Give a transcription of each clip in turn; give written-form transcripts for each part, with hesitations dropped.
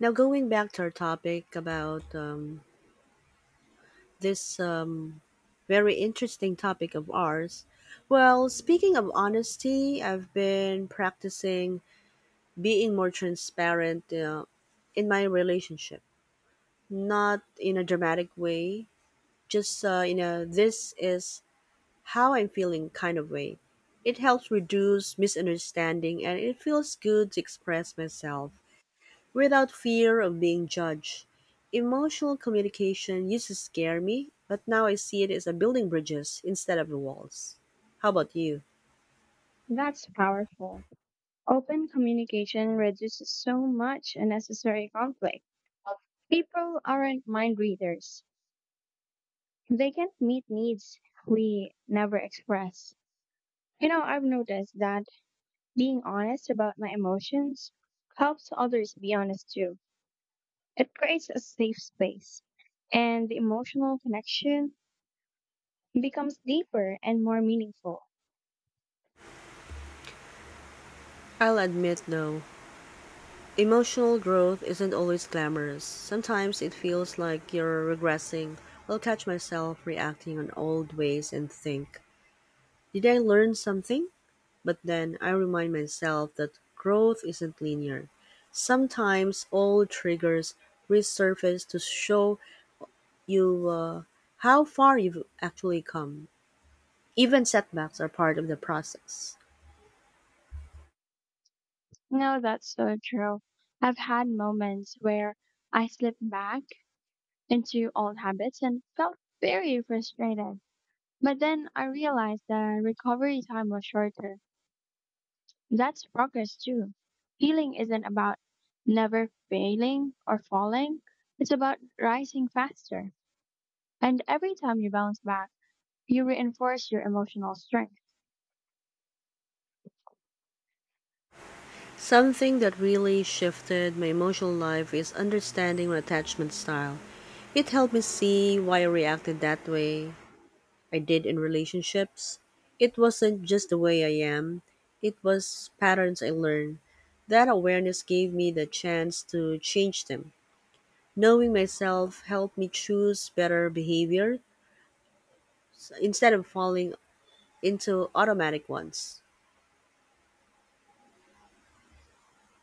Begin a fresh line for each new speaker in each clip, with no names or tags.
Now, going back to our topic about this very interesting topic of ours, well, speaking of honesty, I've been practicing being more transparent in my relationship, not in a dramatic way, just in a this is how I'm feeling kind of way. It helps reduce misunderstanding and it feels good to express myself without fear of being judged. Emotional communication used to scare me, but now I see it as a building bridges instead of walls. How about you?
That's powerful. Open communication reduces so much unnecessary conflict. People aren't mind readers. They can meet needs we never express. You know, I've noticed that being honest about my emotions helps others be honest too. It creates a safe space, and the emotional connection becomes deeper and more meaningful.
I'll admit though, emotional growth isn't always glamorous. Sometimes it feels like you're regressing. I'll catch myself reacting on old ways and think, did I learn something? But then I remind myself that growth isn't linear. Sometimes old triggers resurface to show you how far you've actually come. Even setbacks are part of the process.
No, that's so true. I've had moments where I slipped back into old habits and felt very frustrated. But then I realized that recovery time was shorter. That's progress too. Healing isn't about never failing or falling, it's about rising faster. And every time you bounce back, you reinforce your emotional strength.
Something that really shifted my emotional life is understanding my attachment style. It helped me see why I reacted that way I did in relationships. It wasn't just the way I am, it was patterns I learned. That awareness gave me the chance to change them. Knowing myself helped me choose better behavior instead of falling into automatic ones.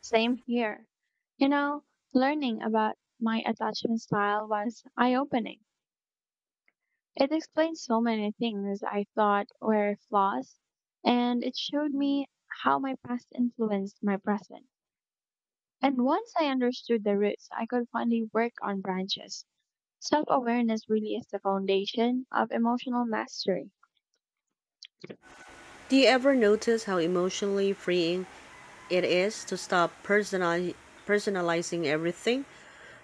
Same here. You know, learning about my attachment style was eye opening. It explained so many things I thought were flaws, and it showed me how my past influenced my present. And once I understood the roots, I could finally work on branches. Self awareness really is the foundation of emotional mastery.
Do you ever notice how emotionally freeing it is to stop personalizing everything?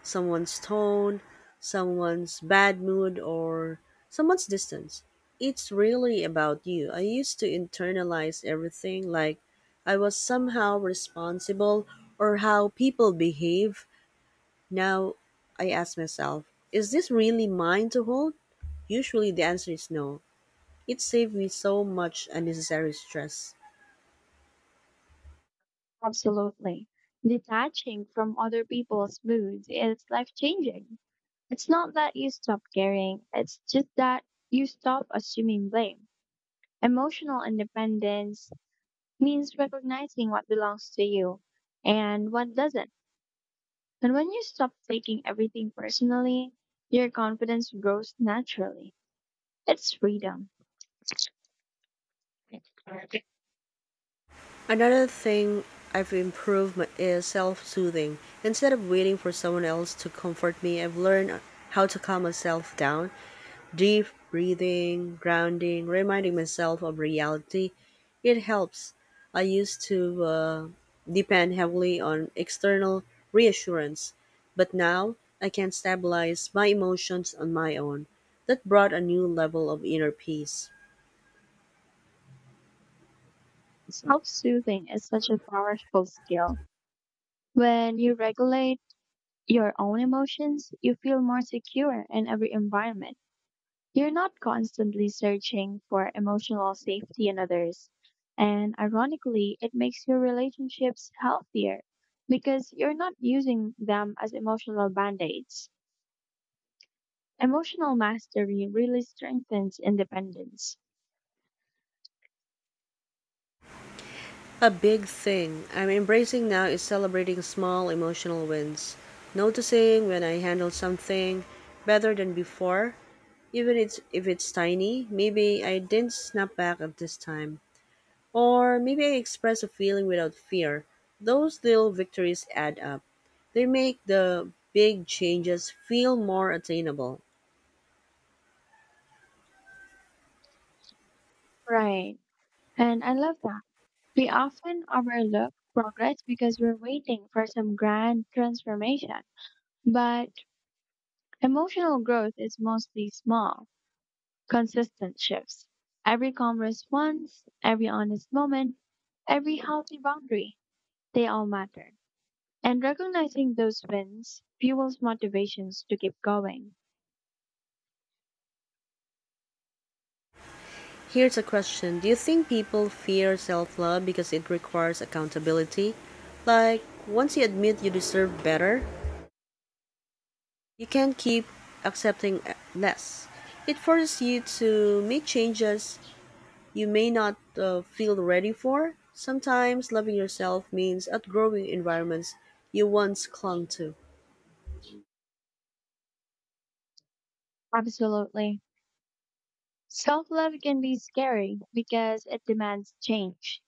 Someone's tone, someone's bad mood, or someone's distance. It's really about you. I used to internalize everything like I was somehow responsible or how people behave. Now I ask myself, is this really mine to hold? Usually the answer is no. It saved me so much unnecessary stress.
Absolutely. Detaching from other people's moods is life changing. It's not that you stop caring, it's just that you stop assuming blame. Emotional independence means recognizing what belongs to you and what doesn't. And when you stop taking everything personally, your confidence grows naturally. It's freedom.
Another thing I've improved is self soothing. Instead of waiting for someone else to comfort me, I've learned how to calm myself down. Deep breathing, grounding, reminding myself of reality. It helps. I used to uh, depend heavily on external reassurance, but now I can stabilize my emotions on my own. That brought a new level of inner peace.
Self soothing is such a powerful skill. When you regulate your own emotions, you feel more secure in every environment. You're not constantly searching for emotional safety in others. And ironically, it makes your relationships healthier because you're not using them as emotional band aids. Emotional mastery really strengthens independence.
A big thing I'm embracing now is celebrating small emotional wins. Noticing when I handle something better than before, even if it's tiny, maybe I didn't snap back at this time. Or maybe I express a feeling without fear. Those little victories add up. They make the big changes feel more attainable.
Right. And I love that. We often overlook progress because we're waiting for some grand transformation. But emotional growth is mostly small consistent shifts. Every commerce response, every honest moment, every healthy boundary, they all matter. And recognizing those wins fuels motivations to keep going.
Here's a question. Do you think people fear self love because it requires accountability? Like, once you admit you deserve better, you can't keep accepting less. It forces you to make changes you may not feel ready for. Sometimes loving yourself means outgrowing environments you once clung to.
Absolutely. Self love can be scary because it demands change.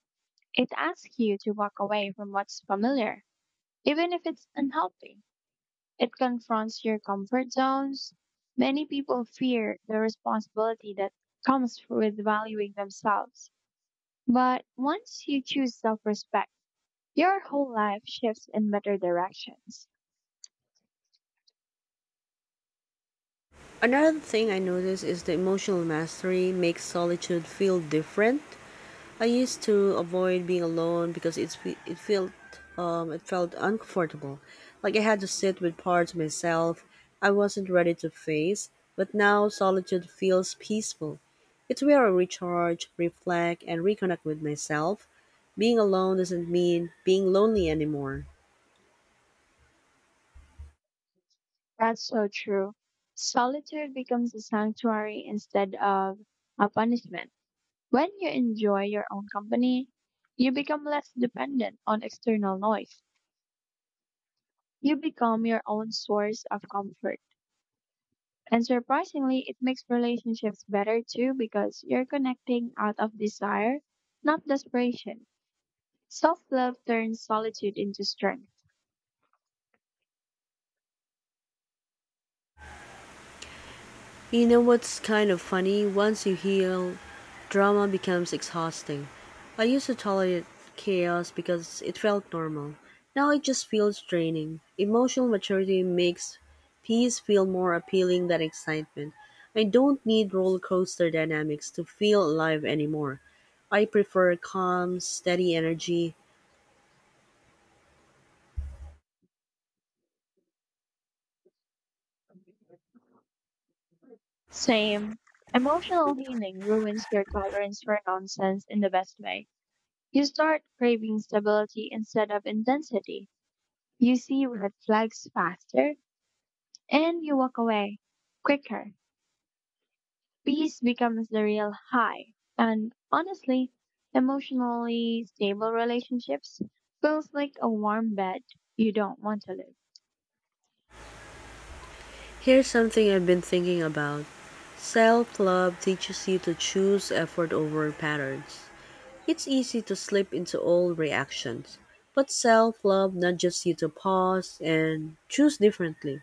It asks you to walk away from what's familiar, even if it's unhealthy. It confronts your comfort zones. Many people fear the responsibility that comes with valuing themselves. But once you choose self respect, your whole life shifts in better directions.
Another thing I noticed is the emotional mastery makes solitude feel different. I used to avoid being alone because it felt uncomfortable, like I had to sit with parts of myself I wasn't ready to face. But now solitude feels peaceful. It's where I recharge, reflect, and reconnect with myself. Being alone doesn't mean being lonely anymore.
That's so true. Solitude becomes a sanctuary instead of a punishment. When you enjoy your own company, you become less dependent on external noise. You become your own source of comfort. And surprisingly, it makes relationships better too because you're connecting out of desire, not desperation. Self love turns solitude into strength.
You know what's kind of funny? Once you heal, drama becomes exhausting. I used to tolerate chaos because it felt normal. Now it just feels draining. Emotional maturity makes peace feel more appealing than excitement. I don't need roller coaster dynamics to feel alive anymore. I prefer calm, steady energy.
Same. Emotional healing ruins your tolerance for nonsense in the best way. You start craving stability instead of intensity. You see red flags faster and you walk away quicker. Peace becomes the real high. And honestly, emotionally stable relationships feels like a warm bed you don't want to leave.
Here's something I've been thinking about. Self love teaches you to choose effort over patterns. It's easy to slip into old reactions, but self love nudges you to pause and choose differently.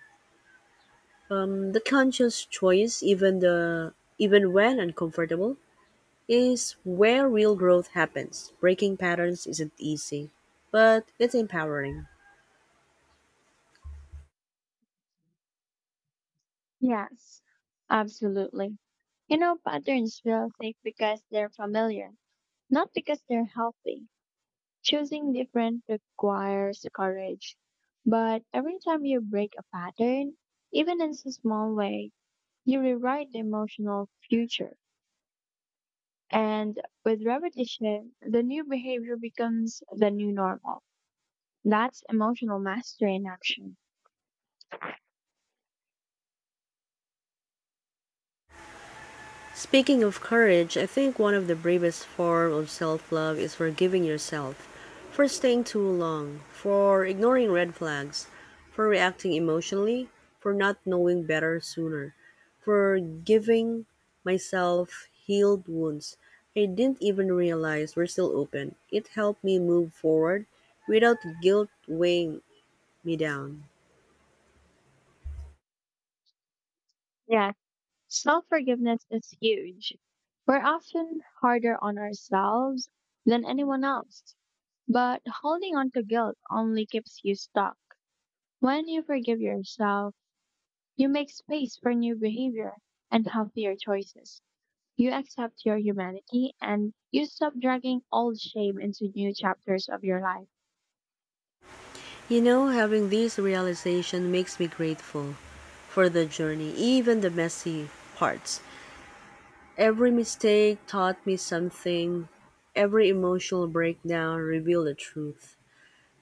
The conscious choice, even the even when uncomfortable, is where real growth happens. Breaking patterns isn't easy, but it's empowering.
Yes, absolutely. You know, patterns feel safe because they're familiar, not because they're healthy. Choosing different requires courage. But every time you break a pattern, even in a small way, you rewrite the emotional future. And with repetition, the new behavior becomes the new normal. That's emotional mastery in action.
Speaking of courage, I think one of the bravest forms of self-love is forgiving yourself for staying too long, for ignoring red flags, for reacting emotionally, for not knowing better sooner, for giving myself healed wounds I didn't even realize were still open. It helped me move forward without guilt weighing me down.
Yeah, self forgiveness is huge. We're often harder on ourselves than anyone else. But holding on to guilt only keeps you stuck. When you forgive yourself, you make space for new behavior and healthier choices. You accept your humanity and you stop dragging old shame into new chapters of your life.
You know, having this realization makes me grateful for the journey, even the messy parts. Every mistake taught me something, every emotional breakdown revealed the truth.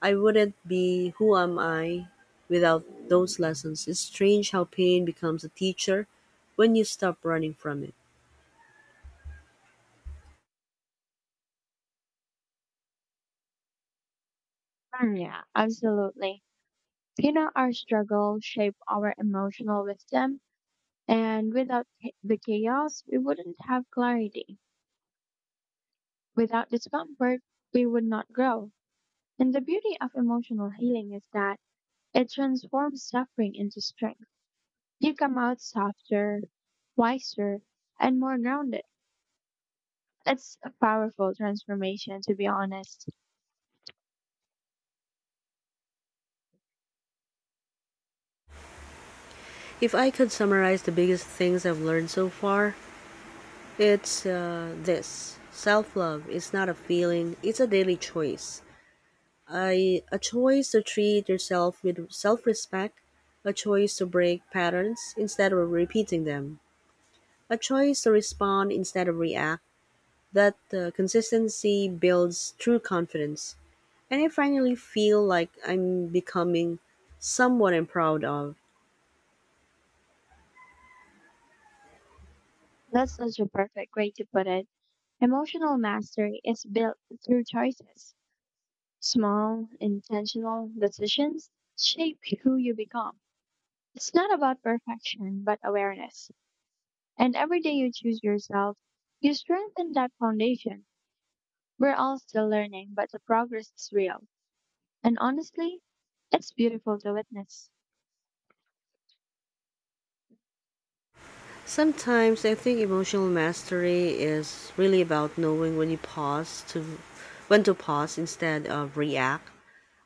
I wouldn't be who am I without those lessons. It's strange how pain becomes a teacher when you stop running from it.
Yeah, absolutely. You know, our struggles shape our emotional wisdom, and without the chaos, we wouldn't have clarity. Without discomfort, we would not grow. And the beauty of emotional healing is that it transforms suffering into strength. You come out softer, wiser, and more grounded. It's a powerful transformation, to be honest.
If I could summarize the biggest things I've learned so far, it's this. Self love is not a feeling, it's a daily choice. I, a choice to treat yourself with self respect, a choice to break patterns instead of repeating them, a choice to respond instead of react. That consistency builds true confidence. And I finally feel like I'm becoming someone I'm proud of.
That's such a perfect way to put it. Emotional mastery is built through choices. Small, intentional decisions shape who you become. It's not about perfection, but awareness. And every day you choose yourself, you strengthen that foundation. We're all still learning, but the progress is real. And honestly, it's beautiful to witness.
Sometimes I think emotional mastery is really about knowing when to pause instead of react.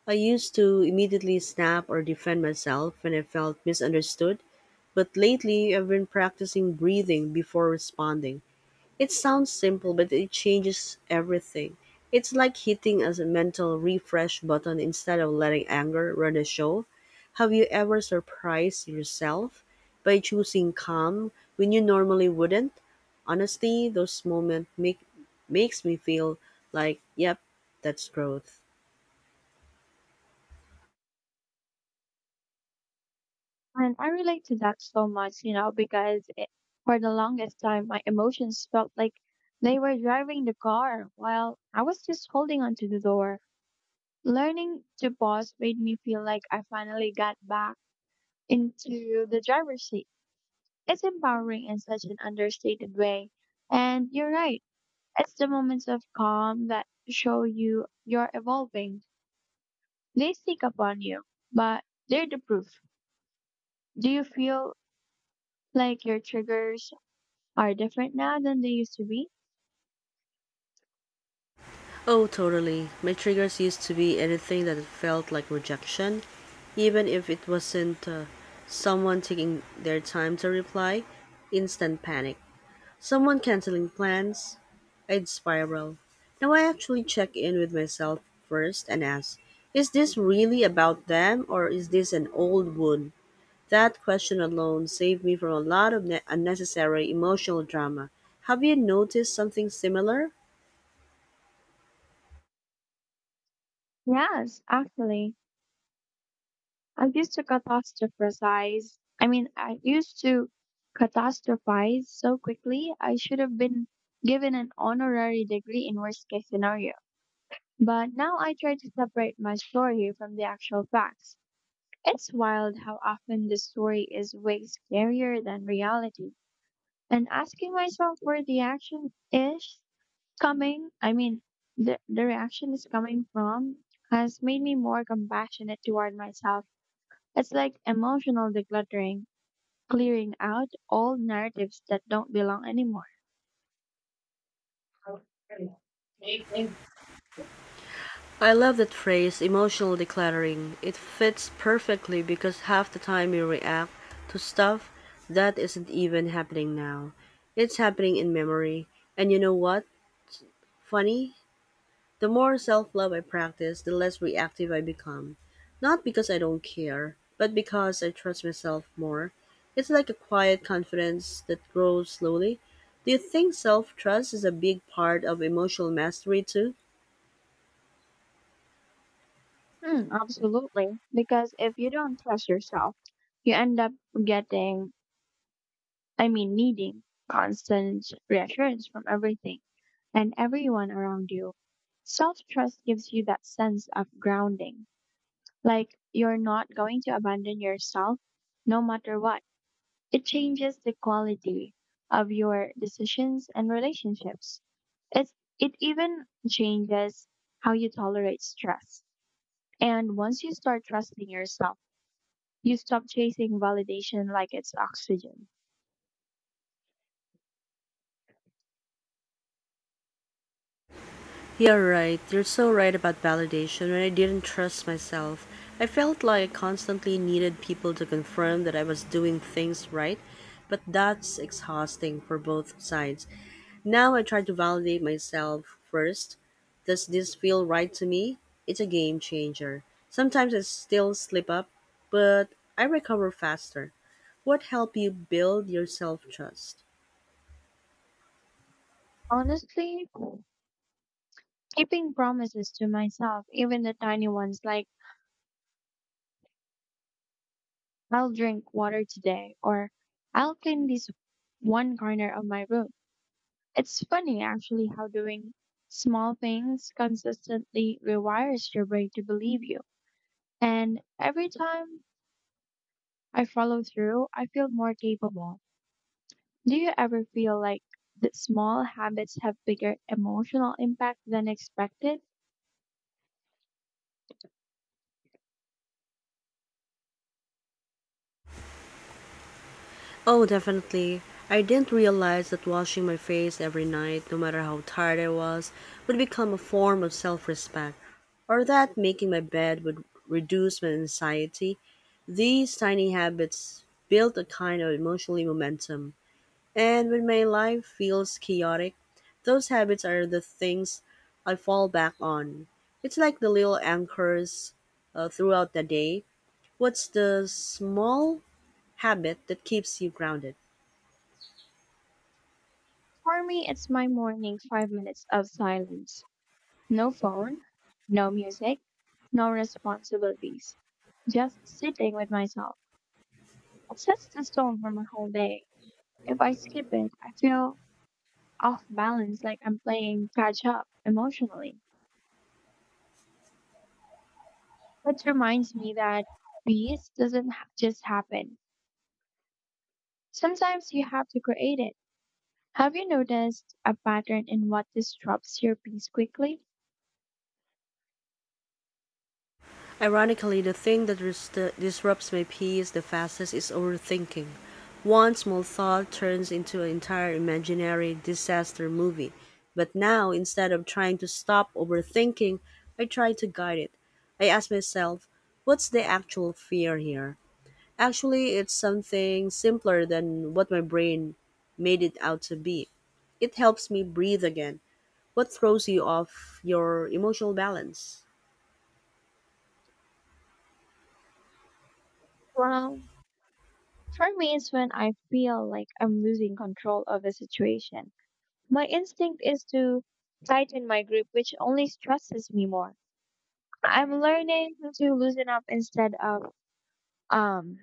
I used to immediately snap or defend myself when I felt misunderstood, but lately I've been practicing breathing before responding. It sounds simple, but it changes everything. It's like hitting a mental refresh button instead of letting anger run the show. Have you ever surprised yourself by choosing calm when you normally wouldn't? Honestly, those moments make makes me feel like, yep, that's growth.
And I relate to that so much, you know, because for the longest time, my emotions felt like they were driving the car while I was just holding onto the door. Learning to pause made me feel like I finally got back into the driver's seat. It's empowering in such an understated way. And you're right, it's the moments of calm that show you you're evolving. They sneak up on you, but they're the proof. Do you feel like your triggers are different now than they used to be?
Oh, totally. My triggers used to be anything that felt like rejection, even if it wasn't someone taking their time to reply. Instant panic. Someone canceling plans. I'd spiral. Now I actually check in with myself first and ask, is this really about them or is this an old wound? That question alone saved me from a lot of unnecessary emotional drama. Have you noticed something similar?
Yes, actually. I used to catastrophize so quickly. I should have been given an honorary degree in worst case scenario. But now I try to separate my story from the actual facts. It's wild how often the story is way scarier than reality. And asking myself where the action is coming, I mean, the reaction is coming from has made me more compassionate toward myself. It's like emotional decluttering, clearing out all narratives that don't belong anymore.
I love that phrase emotional decluttering. It fits perfectly because half the time we react to stuff that isn't even happening now. It's happening in memory. And you know what? Funny? The more self love I practice, the less reactive I become. Not because I don't care, but because I trust myself more. It's like a quiet confidence that grows slowly. Do you think self trust is a big part of emotional mastery too?
Absolutely. Because if you don't trust yourself, you end up getting, needing constant reassurance from everything and everyone around you. Self trust gives you that sense of grounding. Like you're not going to abandon yourself no matter what. It changes the quality of your decisions and relationships. It's, it even changes how you tolerate stress. And once you start trusting yourself, you stop chasing validation like it's oxygen.
You're right. You're so right about validation. When I didn't trust myself, I felt like I constantly needed people to confirm that I was doing things right. But that's exhausting for both sides. Now I try to validate myself first. Does this feel right to me? It's a game changer. Sometimes I still slip up, but I recover faster. What helped you build your self trust?
Honestly, keeping promises to myself, even the tiny ones like I'll drink water today or I'll clean this one corner of my room. It's funny actually how doing small things consistently rewires your brain to believe you. And every time I follow through, I feel more capable. Do you ever feel like that small habits have bigger emotional impact than expected?
Oh, definitely. I didn't realize that washing my face every night, no matter how tired I was, would become a form of self respect, or that making my bed would reduce my anxiety. These tiny habits build a kind of emotional momentum. And when my life feels chaotic, those habits are the things I fall back on. It's like the little anchors throughout the day. What's the small habit that keeps you grounded?
For me, it's my morning 5 minutes of silence. No phone, no music, no responsibilities. Just sitting with myself. It sets the tone for my whole day. If I skip it, I feel off balance, like I'm playing catch up emotionally. Which reminds me that peace doesn't just happen. Sometimes you have to create it. Have you noticed a pattern in what disrupts your peace quickly?
Ironically, the thing that disrupts my peace the fastest is overthinking. One small thought turns into an entire imaginary disaster movie. But now, instead of trying to stop overthinking, I try to guide it. I ask myself, what's the actual fear here? Actually, it's something simpler than what my brain made it out to be. It helps me breathe again. What throws you off your emotional balance?
Well, for me, it's when I feel like I'm losing control of the situation. My instinct is to tighten my grip, which only stresses me more. I'm learning to loosen up instead of um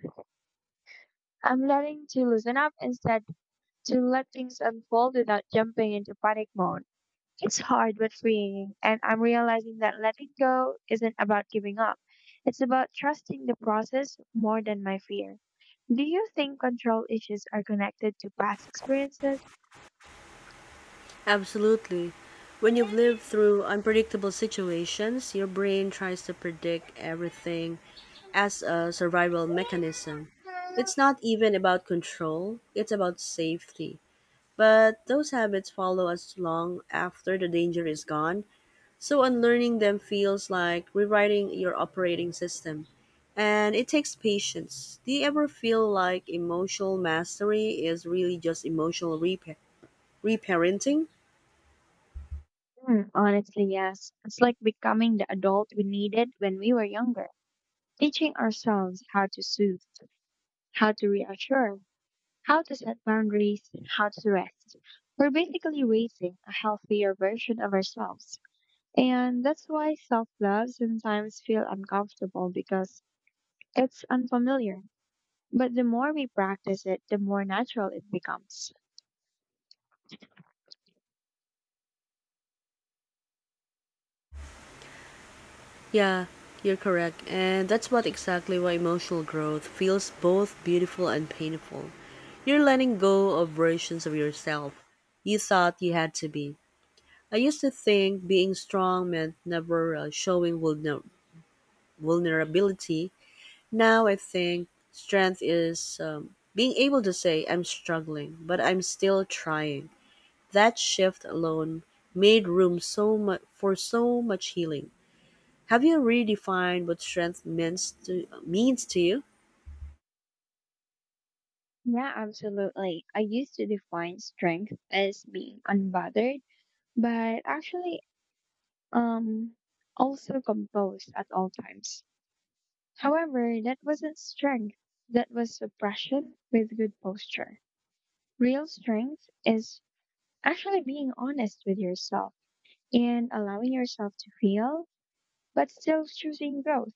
I'm learning to loosen up instead to let things unfold without jumping into panic mode. It's hard but freeing, and I'm realizing that letting go isn't about giving up. It's about trusting the process more than my fear. Do you think control issues are connected to past experiences?
Absolutely. When you've lived through unpredictable situations, your brain tries to predict everything as a survival mechanism. It's not even about control, it's about safety. But those habits follow us long after the danger is gone, so unlearning them feels like rewriting your operating system. And it takes patience. Do you ever feel like emotional mastery is really just emotional reparenting?
Honestly, yes. It's like becoming the adult we needed when we were younger, teaching ourselves how to soothe, how to reassure, how to set boundaries, how to rest. We're basically raising a healthier version of ourselves. And that's why self love sometimes feels uncomfortable because it's unfamiliar. But the more we practice it, the more natural it becomes.
Yeah, you're correct. And that's what exactly why emotional growth feels both beautiful and painful. You're letting go of versions of yourself you thought you had to be. I used to think being strong meant never showing vulnerability. Now I think strength is being able to say, I'm struggling, but I'm still trying. That shift alone made room so much for so much healing. Have you redefined what strength means to you?
Yeah, absolutely. I used to define strength as being unbothered. But actually, um, also composed at all times. However, that wasn't strength, that was suppression with good posture. Real strength is actually being honest with yourself and allowing yourself to feel, but still choosing growth.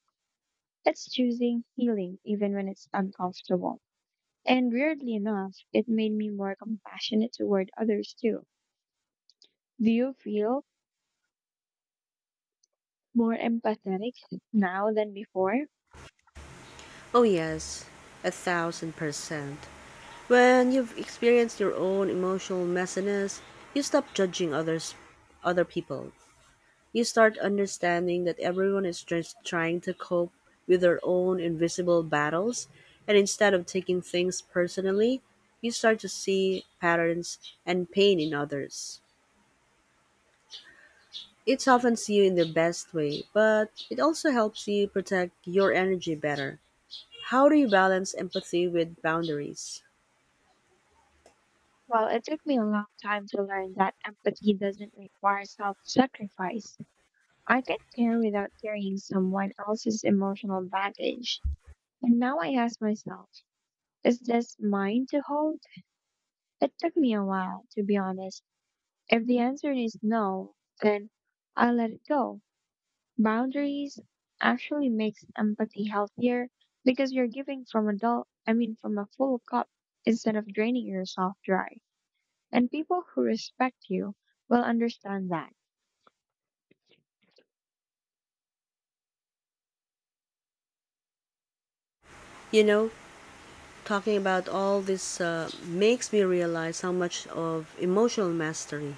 It's choosing healing even when it's uncomfortable. And weirdly enough, it made me more compassionate toward others too. Do you feel more empathetic now than before?
Oh, yes, 1,000%. When you've experienced your own emotional messiness, you stop judging others, other people. You start understanding that everyone is just trying to cope with their own invisible battles, and instead of taking things personally, you start to see patterns and pain in others. It softens you in the best way, but it also helps you protect your energy better. How do you balance empathy with boundaries?
Well, it took me a long time to learn that empathy doesn't require self sacrifice. I can care without carrying someone else's emotional baggage. And now I ask myself, is this mine to hold? It took me a while, to be honest. If the answer is no, then I let it go. Boundaries actually makes empathy healthier because you're giving from adult I mean from a full cup instead of draining yourself dry. And people who respect you will understand that.
You know, talking about all this makes me realize how much of emotional mastery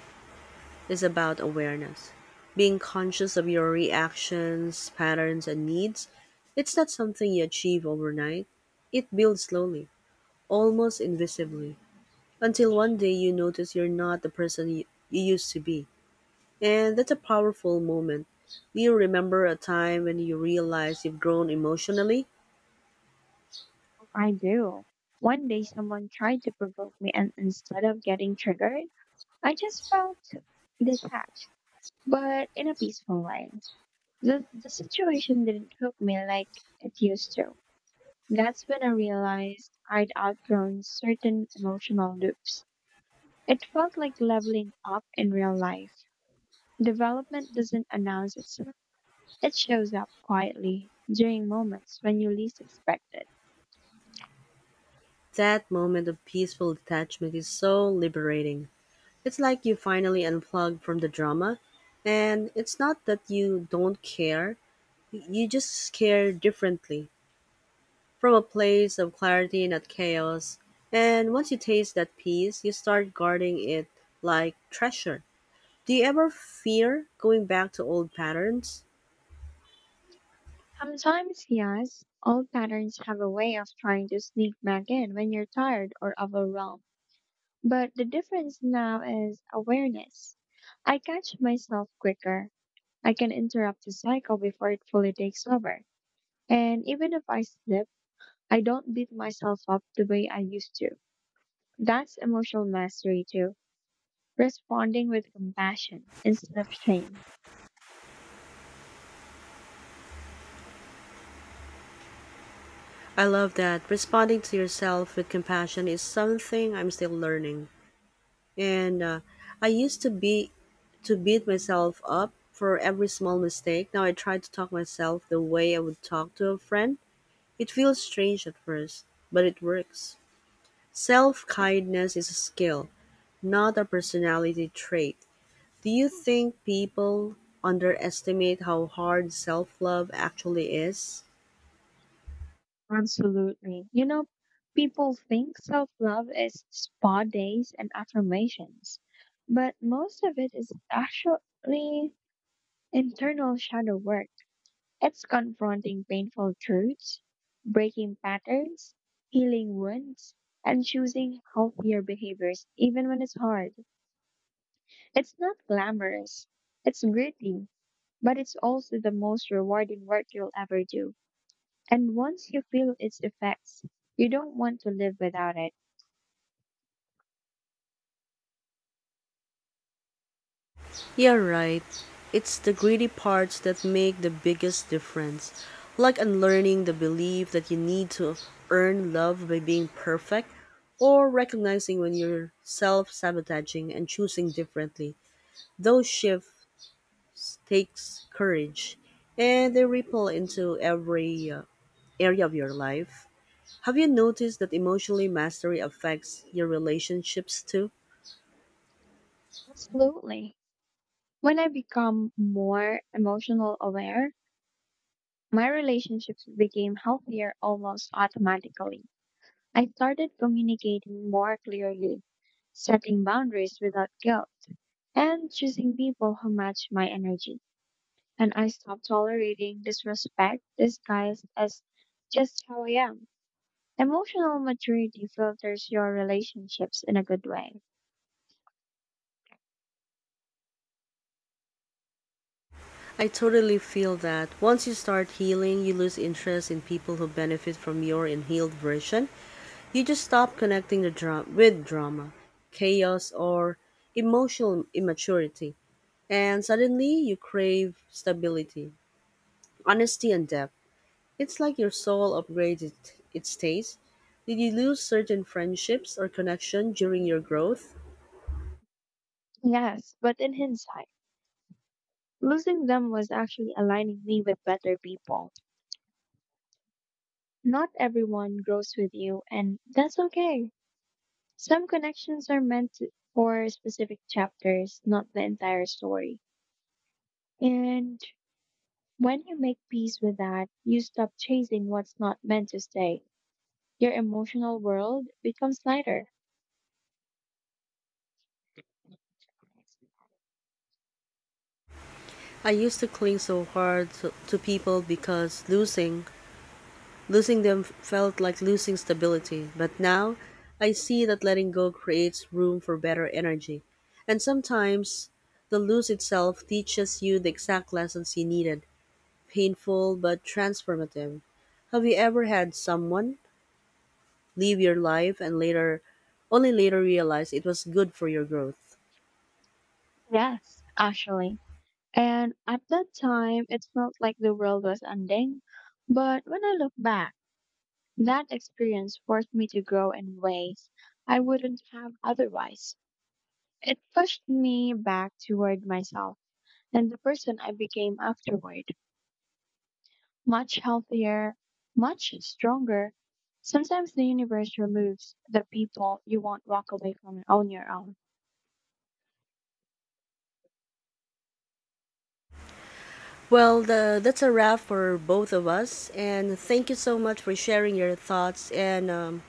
is about awareness. Being conscious of your reactions, patterns, and needs, it's not something you achieve overnight. It builds slowly, almost invisibly, until one day you notice you're not the person you used to be. And that's a powerful moment. Do you remember a time when you realized you've grown emotionally?
I do. One day someone tried to provoke me, and instead of getting triggered, I just felt detached, but in a peaceful way. The situation didn't hook me like it used to. That's when I realized I'd outgrown certain emotional loops. It felt like leveling up in real life. Development doesn't announce itself, it shows up quietly during moments when you least expect it.
That moment of peaceful detachment is so liberating. It's like you finally unplug from the drama, and it's not that you don't care, you just care differently from a place of clarity, not chaos. And once you taste that peace, you start guarding it like treasure. Do you ever fear going back to old patterns?
Sometimes, yes, old patterns have a way of trying to sneak back in when you're tired or overwhelmed. But the difference now is awareness. I catch myself quicker. I can interrupt the cycle before it fully takes over. And even if I slip, I don't beat myself up the way I used to. That's emotional mastery too, responding with compassion instead of shame.
I love that. Responding to yourself with compassion is something I'm still learning. And I used to beat myself up for every small mistake. Now I try to talk myself the way I would talk to a friend. It feels strange at first, but it works. Self-kindness is a skill, not a personality trait. Do you think people underestimate how hard self-love actually is?
Absolutely. You know, people think self love is spa days and affirmations, but most of it is actually internal shadow work. It's confronting painful truths, breaking patterns, healing wounds, and choosing healthier behaviors, even when it's hard. It's not glamorous, it's gritty, but it's also the most rewarding work you'll ever do. And once you feel its effects, you don't want to live without it.
You're right. It's the greedy parts that make the biggest difference. Like unlearning the belief that you need to earn love by being perfect, or recognizing when you're self sabotaging and choosing differently. Those shifts takes courage, and they ripple into every area of your life. Have you noticed that emotionally mastery affects your relationships too?
Absolutely. When I become more emotional aware, my relationships became healthier almost automatically. I started communicating more clearly, setting boundaries without guilt, and choosing people who match my energy. And I stopped tolerating disrespect disguised as just how I am. Emotional maturity filters your relationships in a good way.
I totally feel that. Once you start healing, you lose interest in people who benefit from your unhealed version. You just stop connecting with drama, chaos, or emotional immaturity. And suddenly, you crave stability, honesty, and depth. It's like your soul upgraded its taste. Did you lose certain friendships or connection during your growth?
Yes, but in hindsight, losing them was actually aligning me with better people. Not everyone grows with you, and that's okay. Some connections are meant for specific chapters, not the entire story. And when you make peace with that, you stop chasing what's not meant to stay. Your emotional world becomes lighter.
I used to cling so hard to people because losing them felt like losing stability, but now I see that letting go creates room for better energy. And sometimes the lose itself teaches you the exact lessons you needed, painful but transformative. Have you ever had someone leave your life and later, only later realize it was good for your growth?
Yes, actually. And at that time, it felt like the world was ending. But when I look back, that experience forced me to grow in ways I wouldn't have otherwise. It pushed me back toward myself and the person I became afterward. Much healthier, much stronger. Sometimes the universe removes the people you won't walk away from on your own.
Well, the, that's a wrap for both of us, and thank you so much for sharing your thoughts. And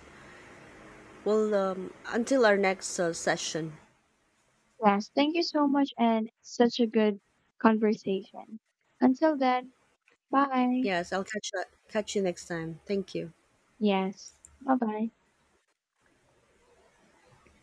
until our next session.
Yes, thank you so much and such a good conversation. Until then, bye.
Yes, I'll catch that. Catch you next time. Thank you.
Yes, bye bye.